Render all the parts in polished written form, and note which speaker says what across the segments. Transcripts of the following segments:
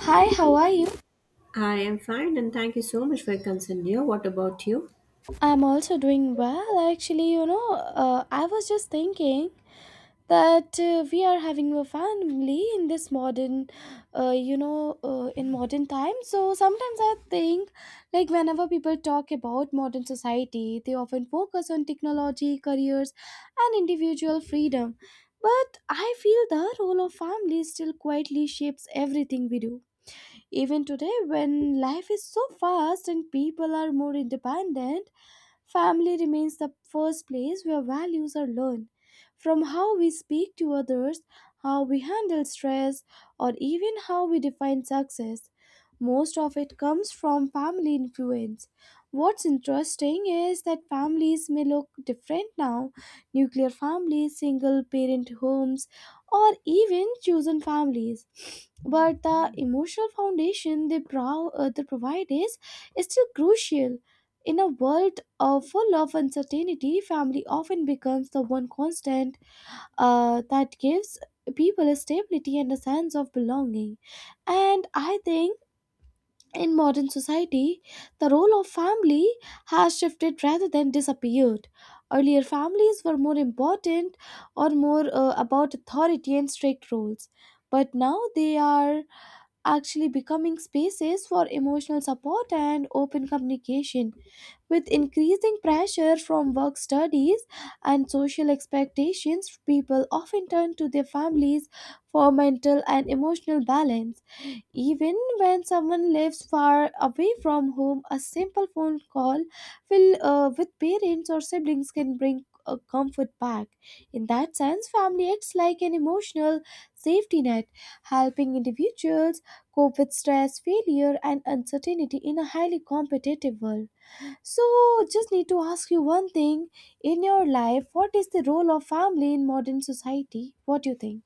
Speaker 1: Hi, how are you?
Speaker 2: I am fine and thank you so much for your concern, dear. What about you?
Speaker 1: I'm also doing well. Actually, I was just thinking that we are having a family in this in modern times. So sometimes I think, like, whenever people talk about modern society, they often focus on technology, careers, and individual freedom. But I feel the role of family still quietly shapes everything we do. Even today, when life is so fast and people are more independent, family remains the first place where values are learned. From how we speak to others, how we handle stress, or even how we define success, most of it comes from family influence. What's interesting is that families may look different now — nuclear families, single parent homes, or even chosen families. But the emotional foundation they provide is still crucial. In a world full of uncertainty, family often becomes the one constant that gives people stability and a sense of belonging. And I think in modern society, the role of family has shifted rather than disappeared. Earlier, families were more important or more about authority and strict rules. But now they are actually becoming spaces for emotional support and open communication. With increasing pressure from work studies and social expectations, people often turn to their families for mental and emotional balance. Even when someone lives far away from home, a simple phone call with parents or siblings can bring comfort back. In that sense, family acts like an emotional safety net, helping individuals cope with stress, failure, and uncertainty in a highly competitive world. So, just need to ask you one thing, in your life what is the role of family in modern society? What do you think?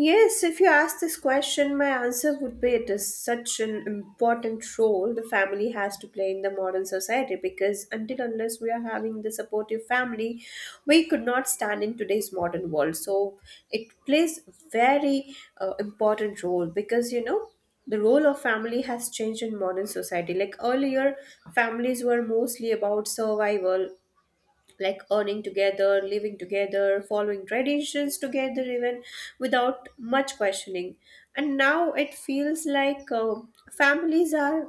Speaker 2: Yes, if you ask this question, my answer would be it is such an important role the family has to play in the modern society because until unless we are having the supportive family, we could not stand in today's modern world. So it plays very important role because you know the role of family has changed in modern society. Like earlier, families were mostly about survival like earning together, living together, following traditions together, even without much questioning. And now it feels like families are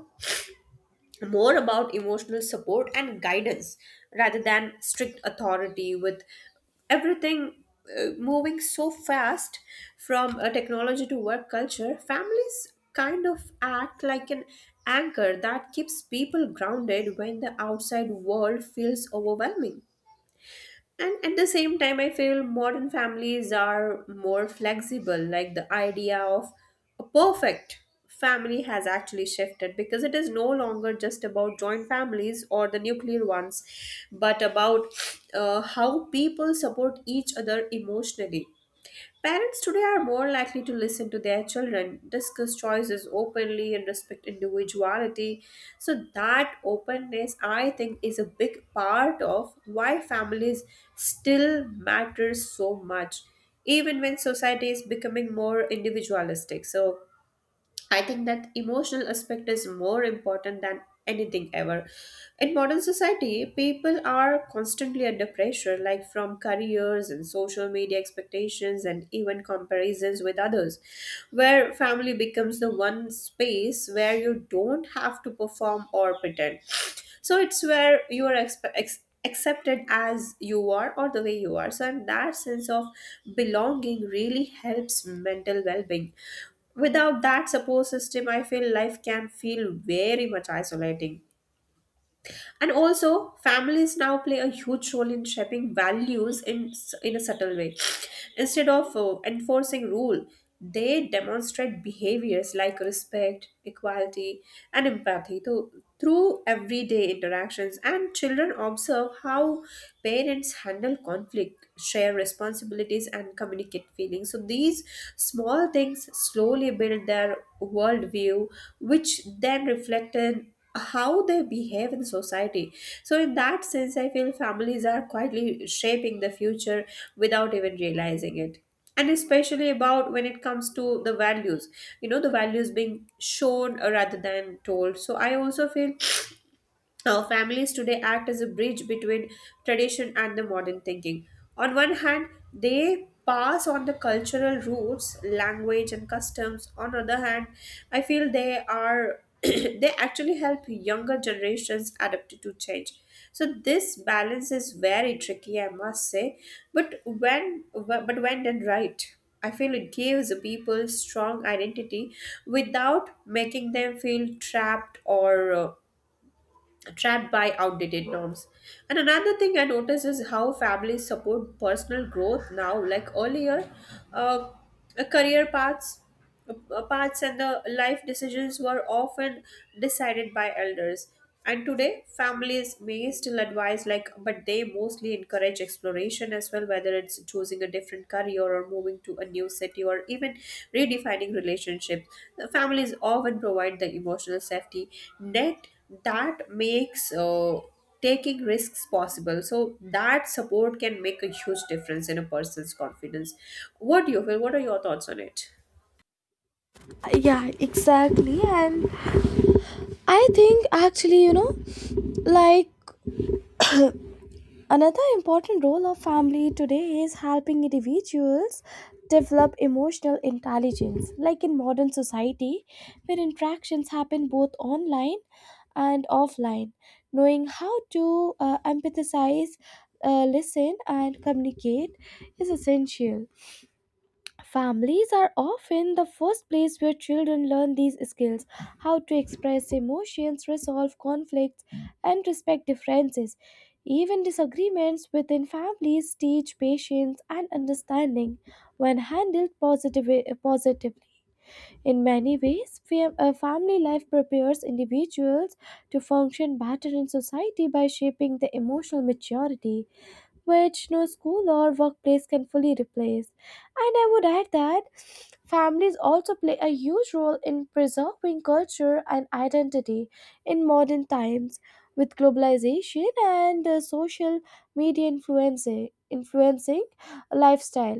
Speaker 2: more about emotional support and guidance rather than strict authority, with everything. Moving so fast from technology to work culture, families kind of act like an anchor that keeps people grounded when the outside world feels overwhelming. And at the same time, I feel modern families are more flexible. Like the idea of a perfect family has actually shifted because it is no longer just about joint families or the nuclear ones, but about how people support each other emotionally. Parents today are more likely to listen to their children, discuss choices openly, and respect individuality. So, that openness, I think, is a big part of why families still matter so much, even when society is becoming more individualistic. So, I think that emotional aspect is more important than anything ever. In modern society, people are constantly under pressure, like from careers and social media expectations and even comparisons with others, where family becomes the one space where you don't have to perform or pretend. So it's where you are accepted as you are or the way you are. So, and that sense of belonging really helps mental well being. Without that support system, I feel life can feel very much isolating. And also, families now play a huge role in shaping values in a subtle way. Instead of enforcing rule, they demonstrate behaviors like respect, equality, and empathy through everyday interactions. And children observe how parents handle conflict, share responsibilities, and communicate feelings. So these small things slowly build their worldview, which then reflected how they behave in society. So in that sense I feel families are quietly shaping the future without even realizing it, and especially about when it comes to the values, you know, the values being shown rather than told. So I also feel now, families today act as a bridge between tradition and the modern thinking. On one hand, they pass on the cultural roots, language, and customs. On the other hand, I feel they are they actually help younger generations adapt to change. So this balance is very tricky, I must say. But when done right, I feel it gives people strong identity without making them feel trapped or trapped by outdated norms. And another thing I notice is how families support personal growth now, like earlier, uh, career paths. Paths and the life decisions were often decided by elders. And today, families may still advise, like, but they mostly encourage exploration as well, whether it's choosing a different career or moving to a new city or even redefining relationships. Families often provide the emotional safety net that makes taking risks possible. So that support can make a huge difference in a person's confidence. What do you feel? What are your thoughts on it?
Speaker 1: Yeah, exactly. And I think actually, you know, like another important role of family today is helping individuals develop emotional intelligence. Like in modern society, where interactions happen both online and offline, knowing how to empathize, listen, and communicate is essential. Families are often the first place where children learn these skills, how to express emotions, resolve conflicts, and respect differences. Even disagreements within families teach patience and understanding when handled positively. In many ways, family life prepares individuals to function better in society by shaping their emotional maturity, which no school or workplace can fully replace. And I would add that families also play a huge role in preserving culture and identity in modern times. With globalization and social media influencing lifestyle.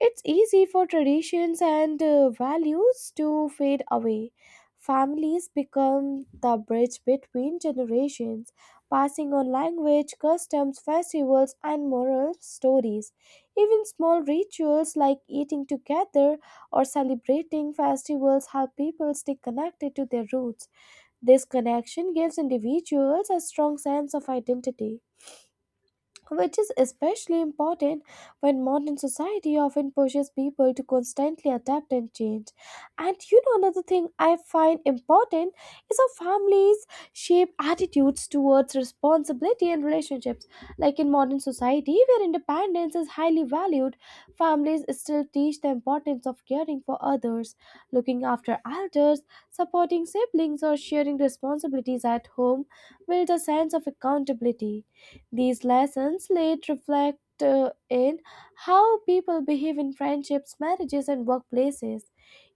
Speaker 1: It's easy for traditions and values to fade away. Families become the bridge between generations, passing on language, customs, festivals, and moral stories. Even small rituals like eating together or celebrating festivals help people stay connected to their roots. This connection gives individuals a strong sense of identity, which is especially important when modern society often pushes people to constantly adapt and change. And you know, another thing I find important is how families shape attitudes towards responsibility and relationships. Like in modern society, where independence is highly valued, families still teach the importance of caring for others, looking after elders, supporting siblings, or sharing responsibilities at home. Build a sense of accountability. These lessons later reflect in how people behave in friendships, marriages, and workplaces.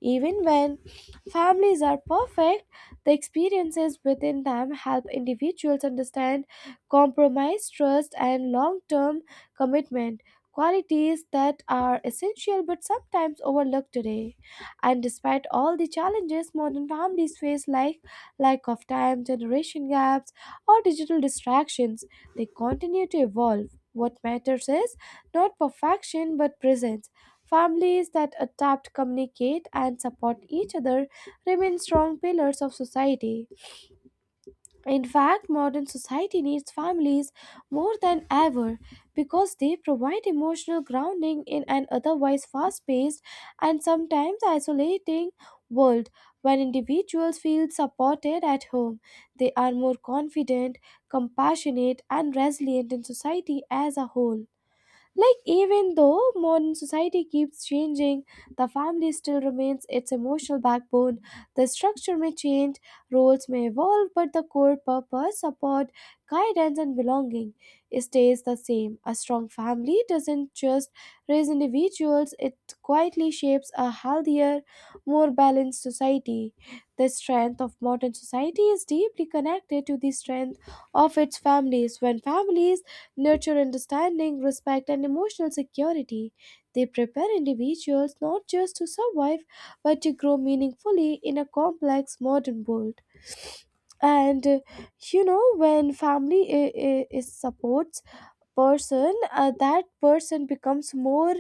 Speaker 1: Even when families are perfect, the experiences within them help individuals understand compromise, trust, and long term commitment. Qualities that are essential but sometimes overlooked today. And despite all the challenges modern families face, like lack of time, generation gaps, or digital distractions, they continue to evolve. What matters is not perfection but presence. Families that adapt, communicate, and support each other remain strong pillars of society. In fact, modern society needs families more than ever because they provide emotional grounding in an otherwise fast paced and sometimes isolating world. When individuals feel supported at home, they are more confident, compassionate, and resilient in society as a whole. Like, even though modern society keeps changing, the family still remains its emotional backbone. The structure may change, roles may evolve, but the core purpose, support, guidance, and belonging stays the same. A strong family doesn't just raise individuals, it quietly shapes a healthier, more balanced society. The strength of modern society is deeply connected to the strength of its families. When families nurture understanding, respect, and emotional security. They prepare individuals not just to survive but to grow meaningfully in a complex modern world. And when family I- is supports person, that person becomes more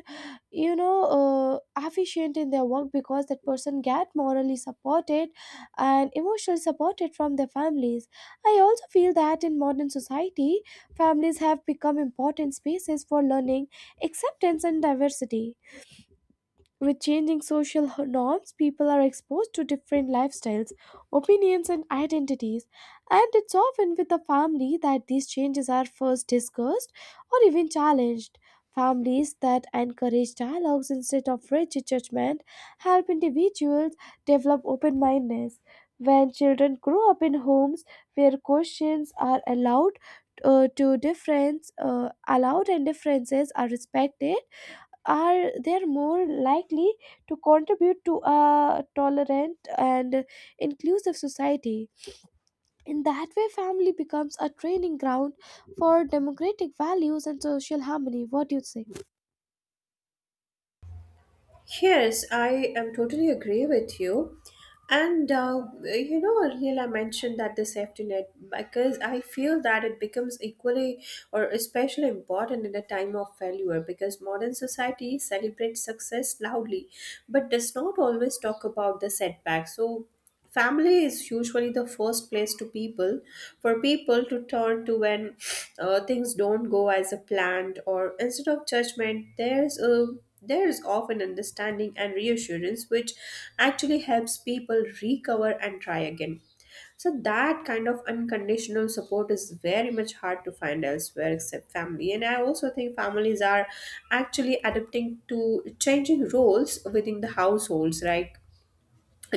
Speaker 1: you know uh, efficient in their work, because that person get morally supported and emotionally supported from their families. I also feel that in modern society, families have become important spaces for learning acceptance and diversity. With changing norms, people are exposed to different lifestyles, opinions, and identities, and it's often with the family that these changes are first discussed or even challenged. Families that encourage dialogues instead of rigid judgment help individuals develop open mindedness. When children grow up in homes where questions are allowed and differences are respected, are they're more likely to contribute to a tolerant and inclusive society. In that way, family becomes a training ground for democratic values and social harmony. What do you say?
Speaker 2: Yes, I am totally agree with you. And you know, earlier I mentioned that the safety net, because I feel that it becomes equally or especially important in a time of failure, because modern society celebrates success loudly but does not always talk about the setbacks. So family is usually the first place to people for people to turn to when things don't go as a planned. Or instead of judgment, there is often understanding and reassurance, which actually helps people recover and try again. So that kind of unconditional support is very much hard to find elsewhere except family. And I also think families are actually adapting to changing roles within the households, right?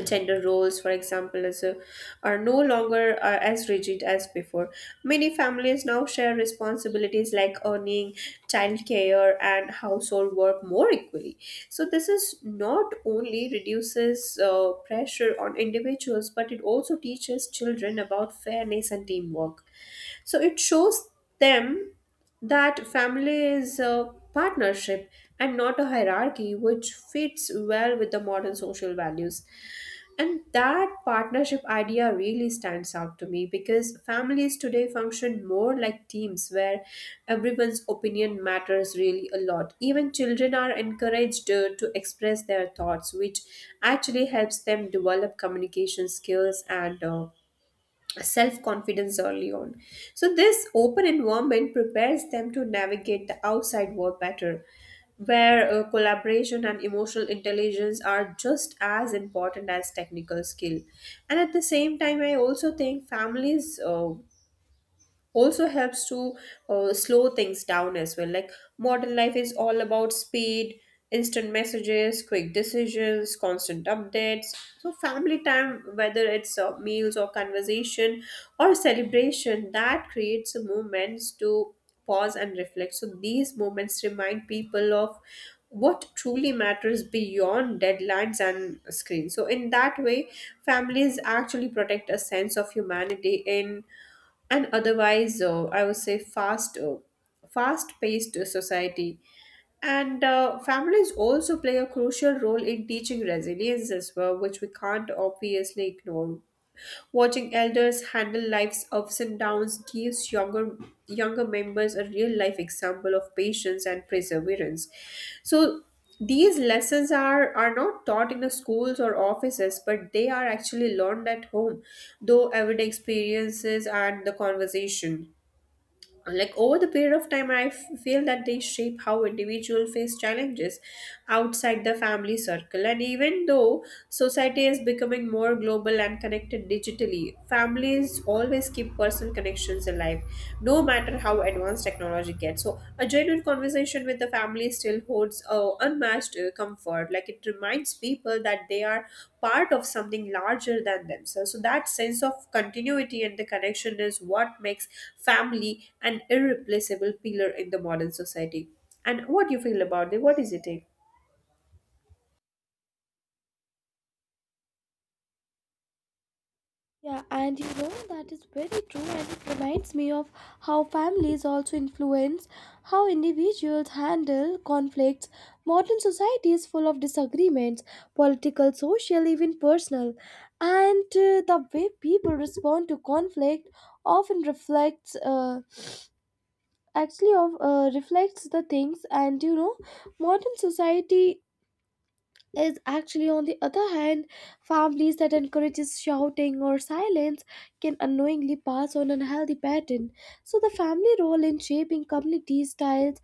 Speaker 2: Gender roles, for example, are no longer as rigid as before. Many families now share responsibilities like earning, childcare, and household work more equally. So this is not only reduces pressure on individuals, but it also teaches children about fairness and teamwork. So it shows them that family is a partnership and not a hierarchy, which fits well with the modern social values. And that partnership idea really stands out to me because families today function more like teams where everyone's opinion matters really a lot. Even children are encouraged to express their thoughts, which actually helps them develop communication skills and self confidence early on. So, this open environment prepares them to navigate the outside world better, where collaboration and emotional intelligence are just as important as technical skill. And at the same time, I also think families. Also helps to slow things down as well. Like modern life is all about speed, instant messages, quick decisions, constant updates. So family time, whether it's meals or conversation or celebration, that creates moments to pause and reflect. So these moments remind people of what truly matters beyond deadlines and screens. So in that way families actually protect a sense of humanity in and otherwise I would say fast paced society. And families also play a crucial role in teaching resilience as well, which we can't obviously ignore. Watching elders handle life's ups and downs gives younger members a real life example of patience and perseverance. So these lessons are not taught in the schools or offices, but they are actually learned at home, though everyday experiences and the conversation. Like over the period of time, I feel that they shape how individual face challenges outside the family circle. And even though society is becoming more global and connected digitally, families always keep personal connections alive no matter how advanced technology gets. So a genuine conversation with the family still holds unmatched comfort, like it reminds people that they are part of something larger than themselves. So that sense of continuity and the connection is what makes family an irreplaceable pillar in the modern society. And what do you feel about it? What is it? Take?
Speaker 1: Yeah, and you know that is very true, and it reminds me of how families also influence how individuals handle conflicts. Modern society is full of disagreements, political, social, even personal, and the way people respond to conflict often reflects actually of reflects the things. And you know, modern society is actually, on the other hand, families that encourages shouting or silence can unknowingly pass on unhealthy pattern. So the family role in shaping community styles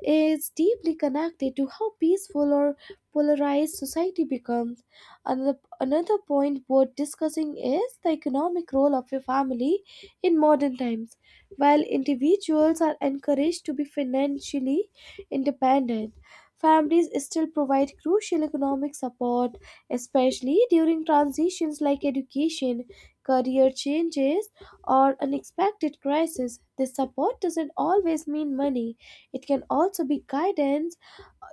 Speaker 1: is deeply connected to how peaceful or polarized society becomes. Another point worth discussing is the economic role of a family in modern times. While individuals are encouraged to be financially independent, families still provide crucial economic support, especially during transitions like education, career changes, or unexpected crises. This support doesn't always mean money, it can also be guidance,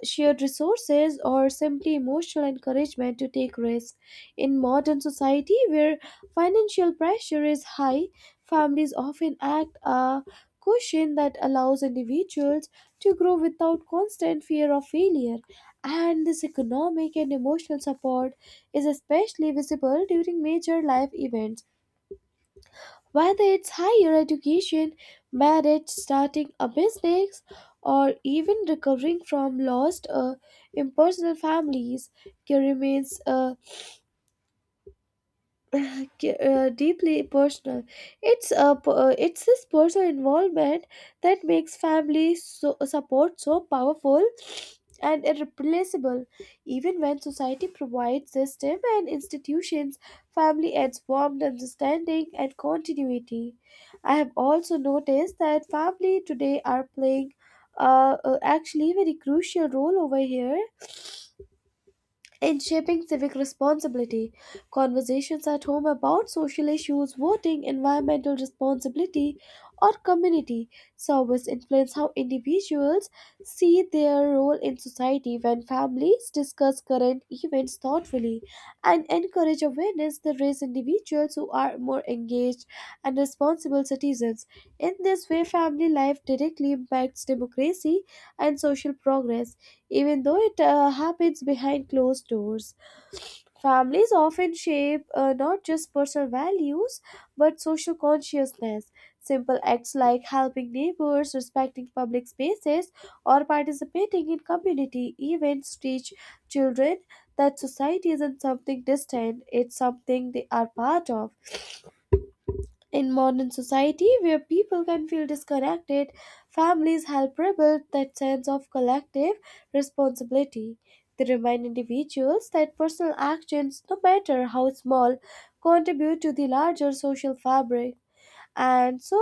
Speaker 1: shared resources, or simply emotional encouragement to take risks. In modern society where financial pressure is high, families often act a cushion that allows individuals to grow without constant fear of failure. And this economic and emotional support is especially visible during major life events, whether it's higher education, marriage, starting a business, or even recovering from lost or impersonal families, care remains deeply personal. It's this personal involvement that makes family support so powerful and irreplaceable. Even when society provides system and institutions, family adds warmth, understanding, and continuity. I have also noticed that family today are playing actually very crucial role over here in shaping civic responsibility. Conversations at home about social issues, voting, environmental responsibility, or community service influence how individuals see their role in society. When families discuss current events thoughtfully and encourage awareness, they raise individuals who are more engaged and responsible citizens. In this way, family life directly impacts democracy and social progress. Even though it happens behind closed doors, families often shape not just personal values but social consciousness. Simple acts like helping neighbors, respecting public spaces, or participating in community events teach children that society isn't something distant, it's something they are part of. In modern society, where people can feel disconnected, families help rebuild that sense of collective responsibility. They remind individuals that personal actions, no matter how small, contribute to the larger social fabric. And so,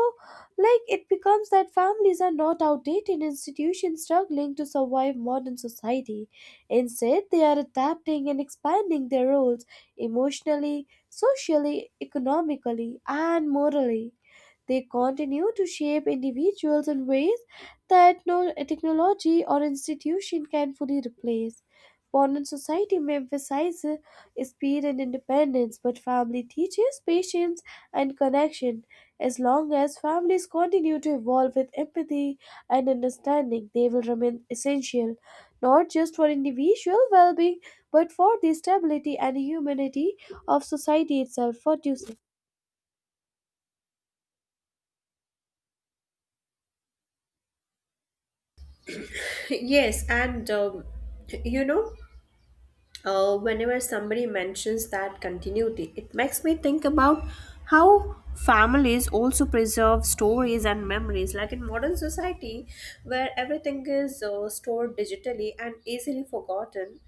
Speaker 1: like it becomes that families are not outdated institutions struggling to survive modern society. Instead, they are adapting and expanding their roles emotionally, socially, economically, and morally. They continue to shape individuals in ways that no technology or institution can fully replace. Modern society may emphasize speed and independence, but family teaches patience and connection. As long as families continue to evolve with empathy and understanding, they will remain essential, not just for individual well being, but for the stability and humanity of society itself. What do you say?
Speaker 2: Yes, and you know, whenever somebody mentions that continuity, it makes me think about how families also preserve stories and memories. Like in modern society, where everything is stored digitally and easily forgotten,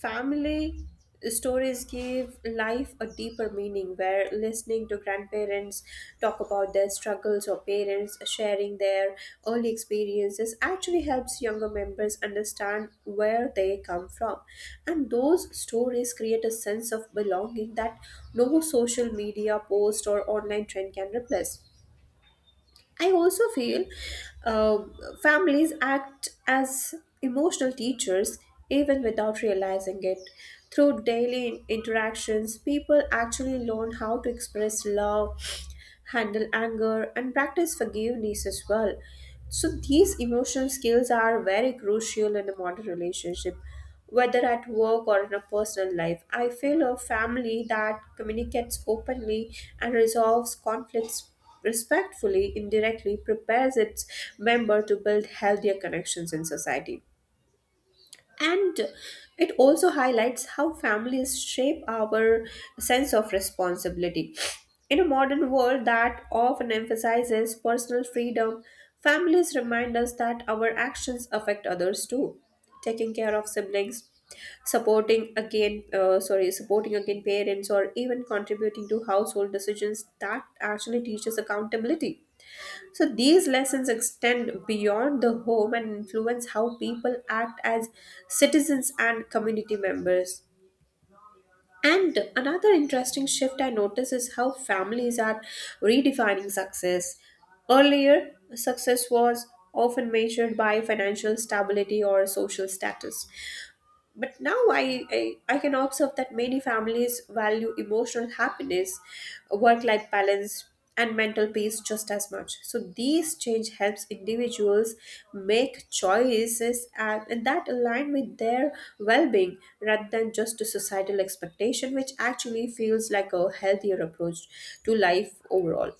Speaker 2: family stories give life a deeper meaning, where listening to grandparents talk about their struggles or parents sharing their early experiences actually helps younger members understand where they come from. And those stories create a sense of belonging that no social media post or online trend can replace. I also feel uh, families act as emotional teachers even without realizing it. Through daily interactions, people actually learn how to express love, handle anger, and practice forgiveness as well. So, these emotional skills are very crucial in a modern relationship, whether at work or in a personal life. I feel a family that communicates openly and resolves conflicts respectfully indirectly prepares its member to build healthier connections in society. And it also highlights how families shape our sense of responsibility. In a modern world that often emphasizes personal freedom, families remind us that our actions affect others too. Taking care of siblings, supporting again parents, or even contributing to household decisions, that actually teaches accountability. So these lessons extend beyond the home and influence how people act as citizens and community members. And another interesting shift I notice is how families are redefining success. Earlier, success was often measured by financial stability or social status, but now I can observe that many families value emotional happiness, work life balance, and mental peace just as much. So these change helps individuals make choices and that align with their well-being rather than just to societal expectation, which actually feels like a healthier approach to life overall.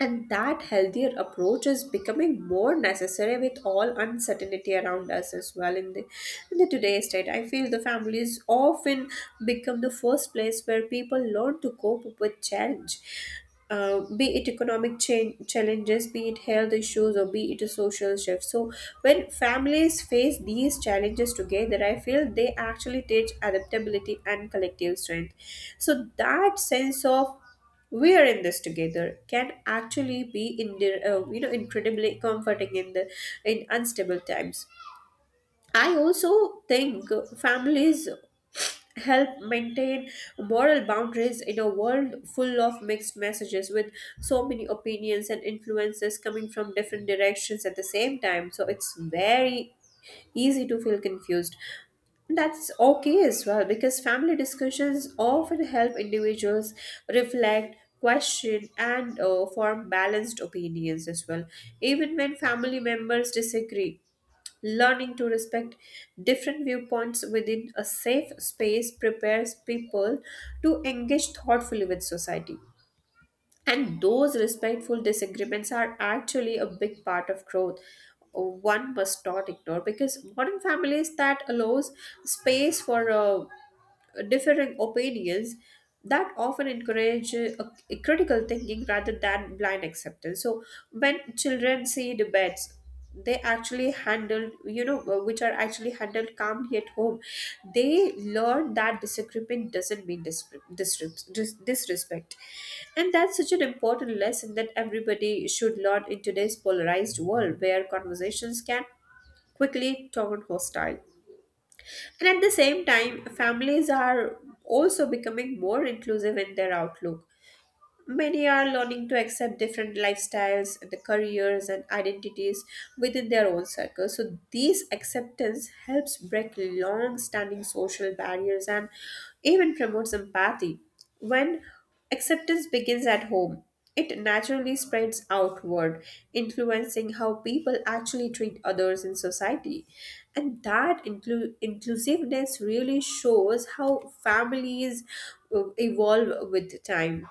Speaker 2: And that healthier approach is becoming more necessary with all uncertainty around us as well in the today's state. I feel the families often become the first place where people learn to cope with challenge. Be it economic change, challenges, be it health issues, or be it a social shift. So, when families face these challenges together, I feel they actually teach adaptability and collective strength. So, that sense of we are in this together can actually be in the, incredibly comforting in the in unstable times. I also think families help maintain moral boundaries in a world full of mixed messages with so many opinions and influences coming from different directions at the same time. So it's very easy to feel confused. That's okay as well because family discussions often help individuals reflect, question, and form balanced opinions as well, even when family members disagree. Learning to respect different viewpoints within a safe space prepares people to engage thoughtfully with society. And those respectful disagreements are actually a big part of growth. One must not ignore because modern families that allows space for differing opinions that often encourage a critical thinking rather than blind acceptance. So when children see debates they actually handled you know which are actually handled calmly at home, they learn that disagreement doesn't mean disrespect, and that's such an important lesson that everybody should learn in today's polarized world where conversations can quickly turn hostile. And at the same time, families are also becoming more inclusive in their outlook. Many are learning to accept different lifestyles and the careers and identities within their own circle. So, this acceptance helps break long standing social barriers and even promotes empathy. When acceptance begins at home, it naturally spreads outward, influencing how people actually treat others in society. And that inclusiveness really shows how families evolve with time.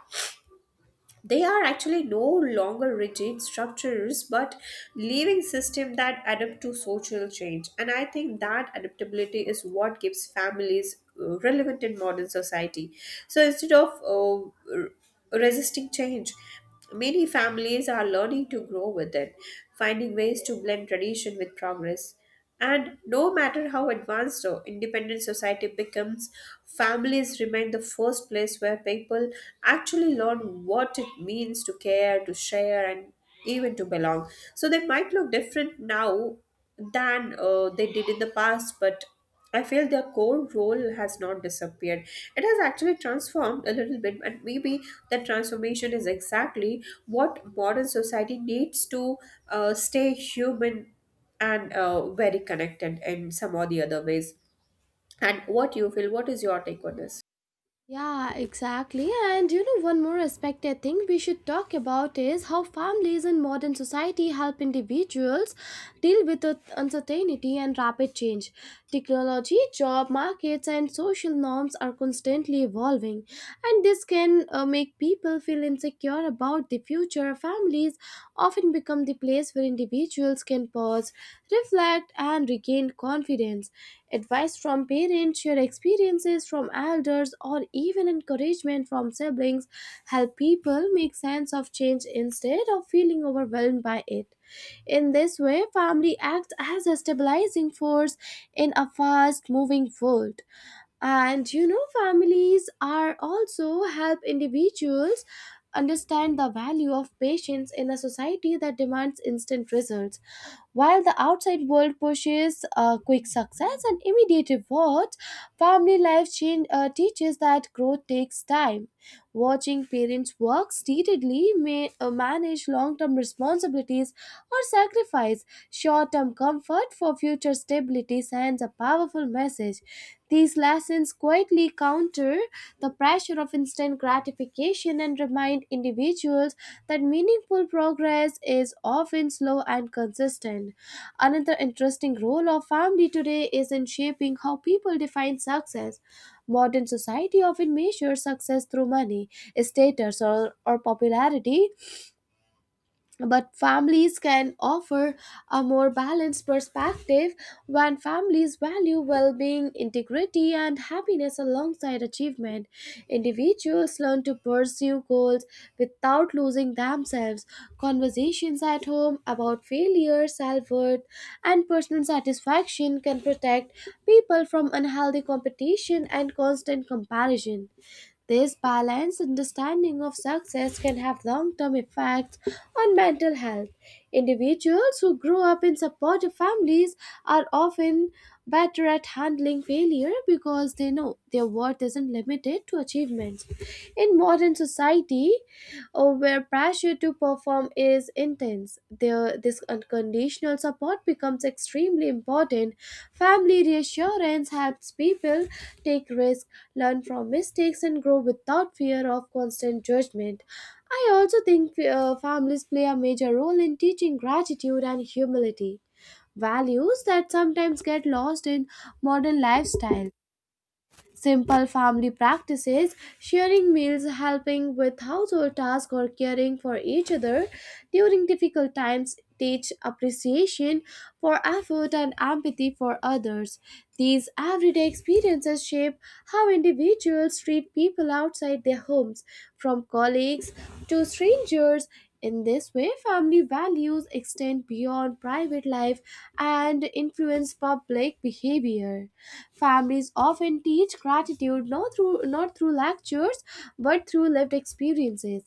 Speaker 2: They are actually no longer rigid structures but living systems that adapt to social change, and I think that adaptability is what gives families relevant in modern society. So instead of resisting change, many families are learning to grow with it, finding ways to blend tradition with progress. And no matter how advanced or independent society becomes, families remain the first place where people actually learn what it means to care, to share, and even to belong. So they might look different now than they did in the past, but I feel their core role has not disappeared. It has actually transformed a little bit, and maybe that transformation is exactly what modern society needs to stay human and very connected in some or the other ways. And what you feel, what is your take on this?
Speaker 1: Yeah, exactly. And you know, one more aspect I think we should talk about is how families in modern society help individuals deal with the uncertainty and rapid change. Technology, job markets, and social norms are constantly evolving, and this can make people feel insecure about the future. Families often become the place where individuals can pause, reflect, and regain confidence. Advice from parents, shared experiences from elders, or even encouragement from siblings help people make sense of change instead of feeling overwhelmed by it. In this way, family acts as a stabilizing force in a fast moving world. And families are also help individuals understand the value of patience in a society that demands instant results. While the outside world pushes quick success and immediate rewards, family life change, teaches that growth takes time. Watching parents work steadily may manage long-term responsibilities or sacrifice short-term from comfort for future stability sends a powerful message. These lessons quietly counter the pressure of instant gratification and remind individuals that meaningful progress is often slow and consistent. Another interesting role of family today is in shaping how people define success. Modern society often measures success through money, status, or popularity, but families can offer a more balanced perspective. When families value well-being, integrity and happiness alongside achievement, individuals learn to pursue goals without losing themselves. Conversations at home about failure, self-worth and personal satisfaction can protect people from unhealthy competition and constant comparison. This balanced understanding of success can have long term effects on mental health. Individuals who grow up in supportive families are often better at handling failure because they know their worth isn't limited to achievements. In modern society, or where pressure to perform is intense, there, this unconditional support becomes extremely important. Family reassurance helps people take risks, learn from mistakes, and grow without fear of constant judgment. I also think families play a major role in teaching gratitude and humility, values that sometimes get lost in modern lifestyle. Simple family practices, sharing meals, helping with household tasks, or caring for each other during difficult times teach appreciation for effort and empathy for others. These everyday experiences shape how individuals treat people outside their homes, from colleagues to strangers. In this way, family values extend beyond private life and influence public behavior. Families often teach gratitude not through lectures but through lived experiences.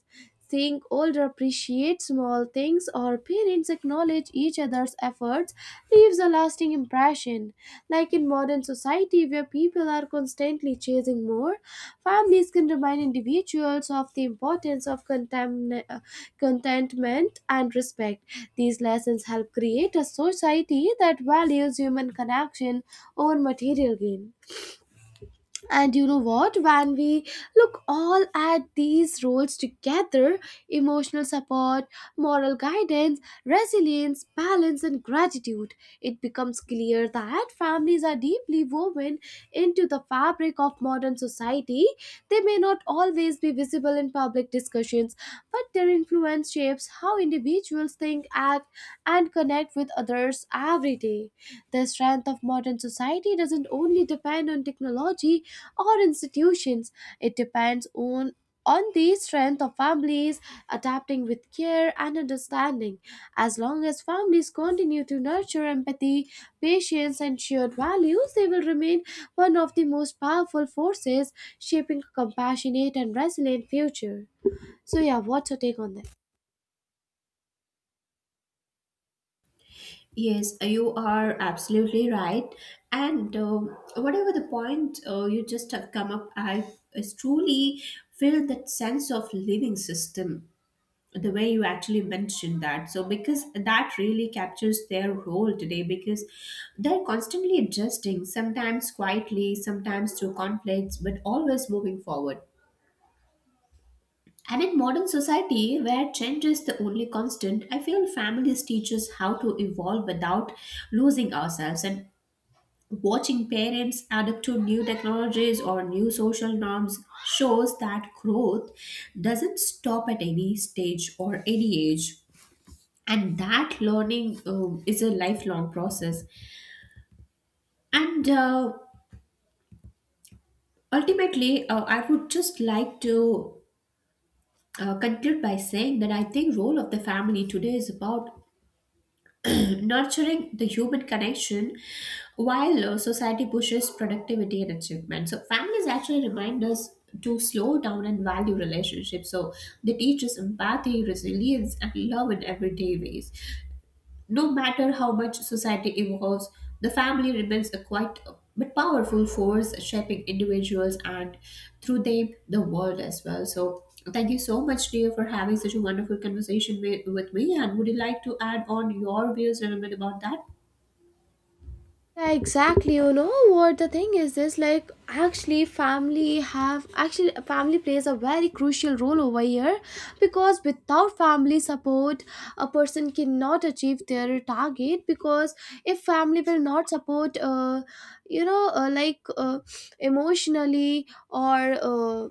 Speaker 1: Seeing older appreciate small things or parents acknowledge each other's efforts words leaves a lasting impression. Like in modern society where people are constantly chasing more, families can remind individuals of the importance of contentment and respect. These lessons help create a society that values human connection over material gain. And you know what? When we look all at these roles together, emotional support, moral guidance, resilience, balance, and gratitude, it becomes clear that families are deeply woven into the fabric of modern society. They may not always be visible in public discussions, but their influence shapes how individuals think, act, and connect with others every day. The strength of modern society doesn't only depend on technology or institutions. It depends on the strength of families adapting with care and understanding. As long as families continue to nurture empathy, patience, and shared values, they will remain one of the most powerful forces shaping a compassionate and resilient future. So, yeah, what's your take on that?
Speaker 2: Yes, you are absolutely right. And whatever the point you just have come up, I is truly feel that sense of living system, the way you actually mentioned that. So, because that really captures their role today, because they're constantly adjusting, sometimes quietly, sometimes through conflicts, but always moving forward. And in modern society, where change is the only constant, I feel families teach us how to evolve without losing ourselves. And watching parents adapt to new technologies or new social norms shows that growth doesn't stop at any stage or any age. And that learning is a lifelong process. And ultimately, I would just like to conclude by saying that I think role of the family today is about nurturing the human connection while society pushes productivity and achievement. So, families actually remind us to slow down and value relationships. So, they teach us empathy, resilience, and love in everyday ways. No matter how much society evolves, the family remains a quite but powerful force shaping individuals and through them the world as well. So, thank you so much, dear, for having such a wonderful conversation with me. And would you like to add on your views a little bit about that?
Speaker 1: Yeah, exactly. You know what the thing is, this like actually family plays a very crucial role over here, because without family support a person cannot achieve their target. Because if family will not support, you know uh, like uh, emotionally, or uh,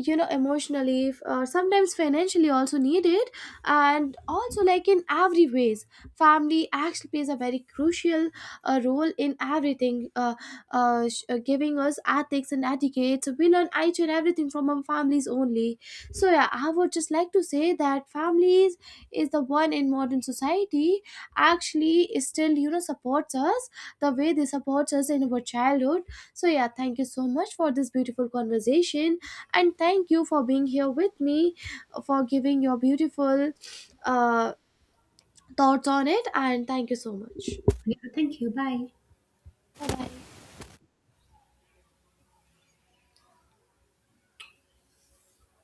Speaker 1: emotionally, sometimes financially also needed. And also like in every ways family actually plays a very crucial role in everything, giving us ethics and etiquette, so we learn each and everything from our families only. So yeah, I would just like to say that families is the one in modern society actually is still, you know, supports us the way they support us in our childhood. So yeah, thank you so much for this beautiful conversation and thank you for being here with me, for giving your beautiful uh, thoughts on it, and thank you so much.
Speaker 2: Yeah, thank you. Bye.
Speaker 1: Bye bye.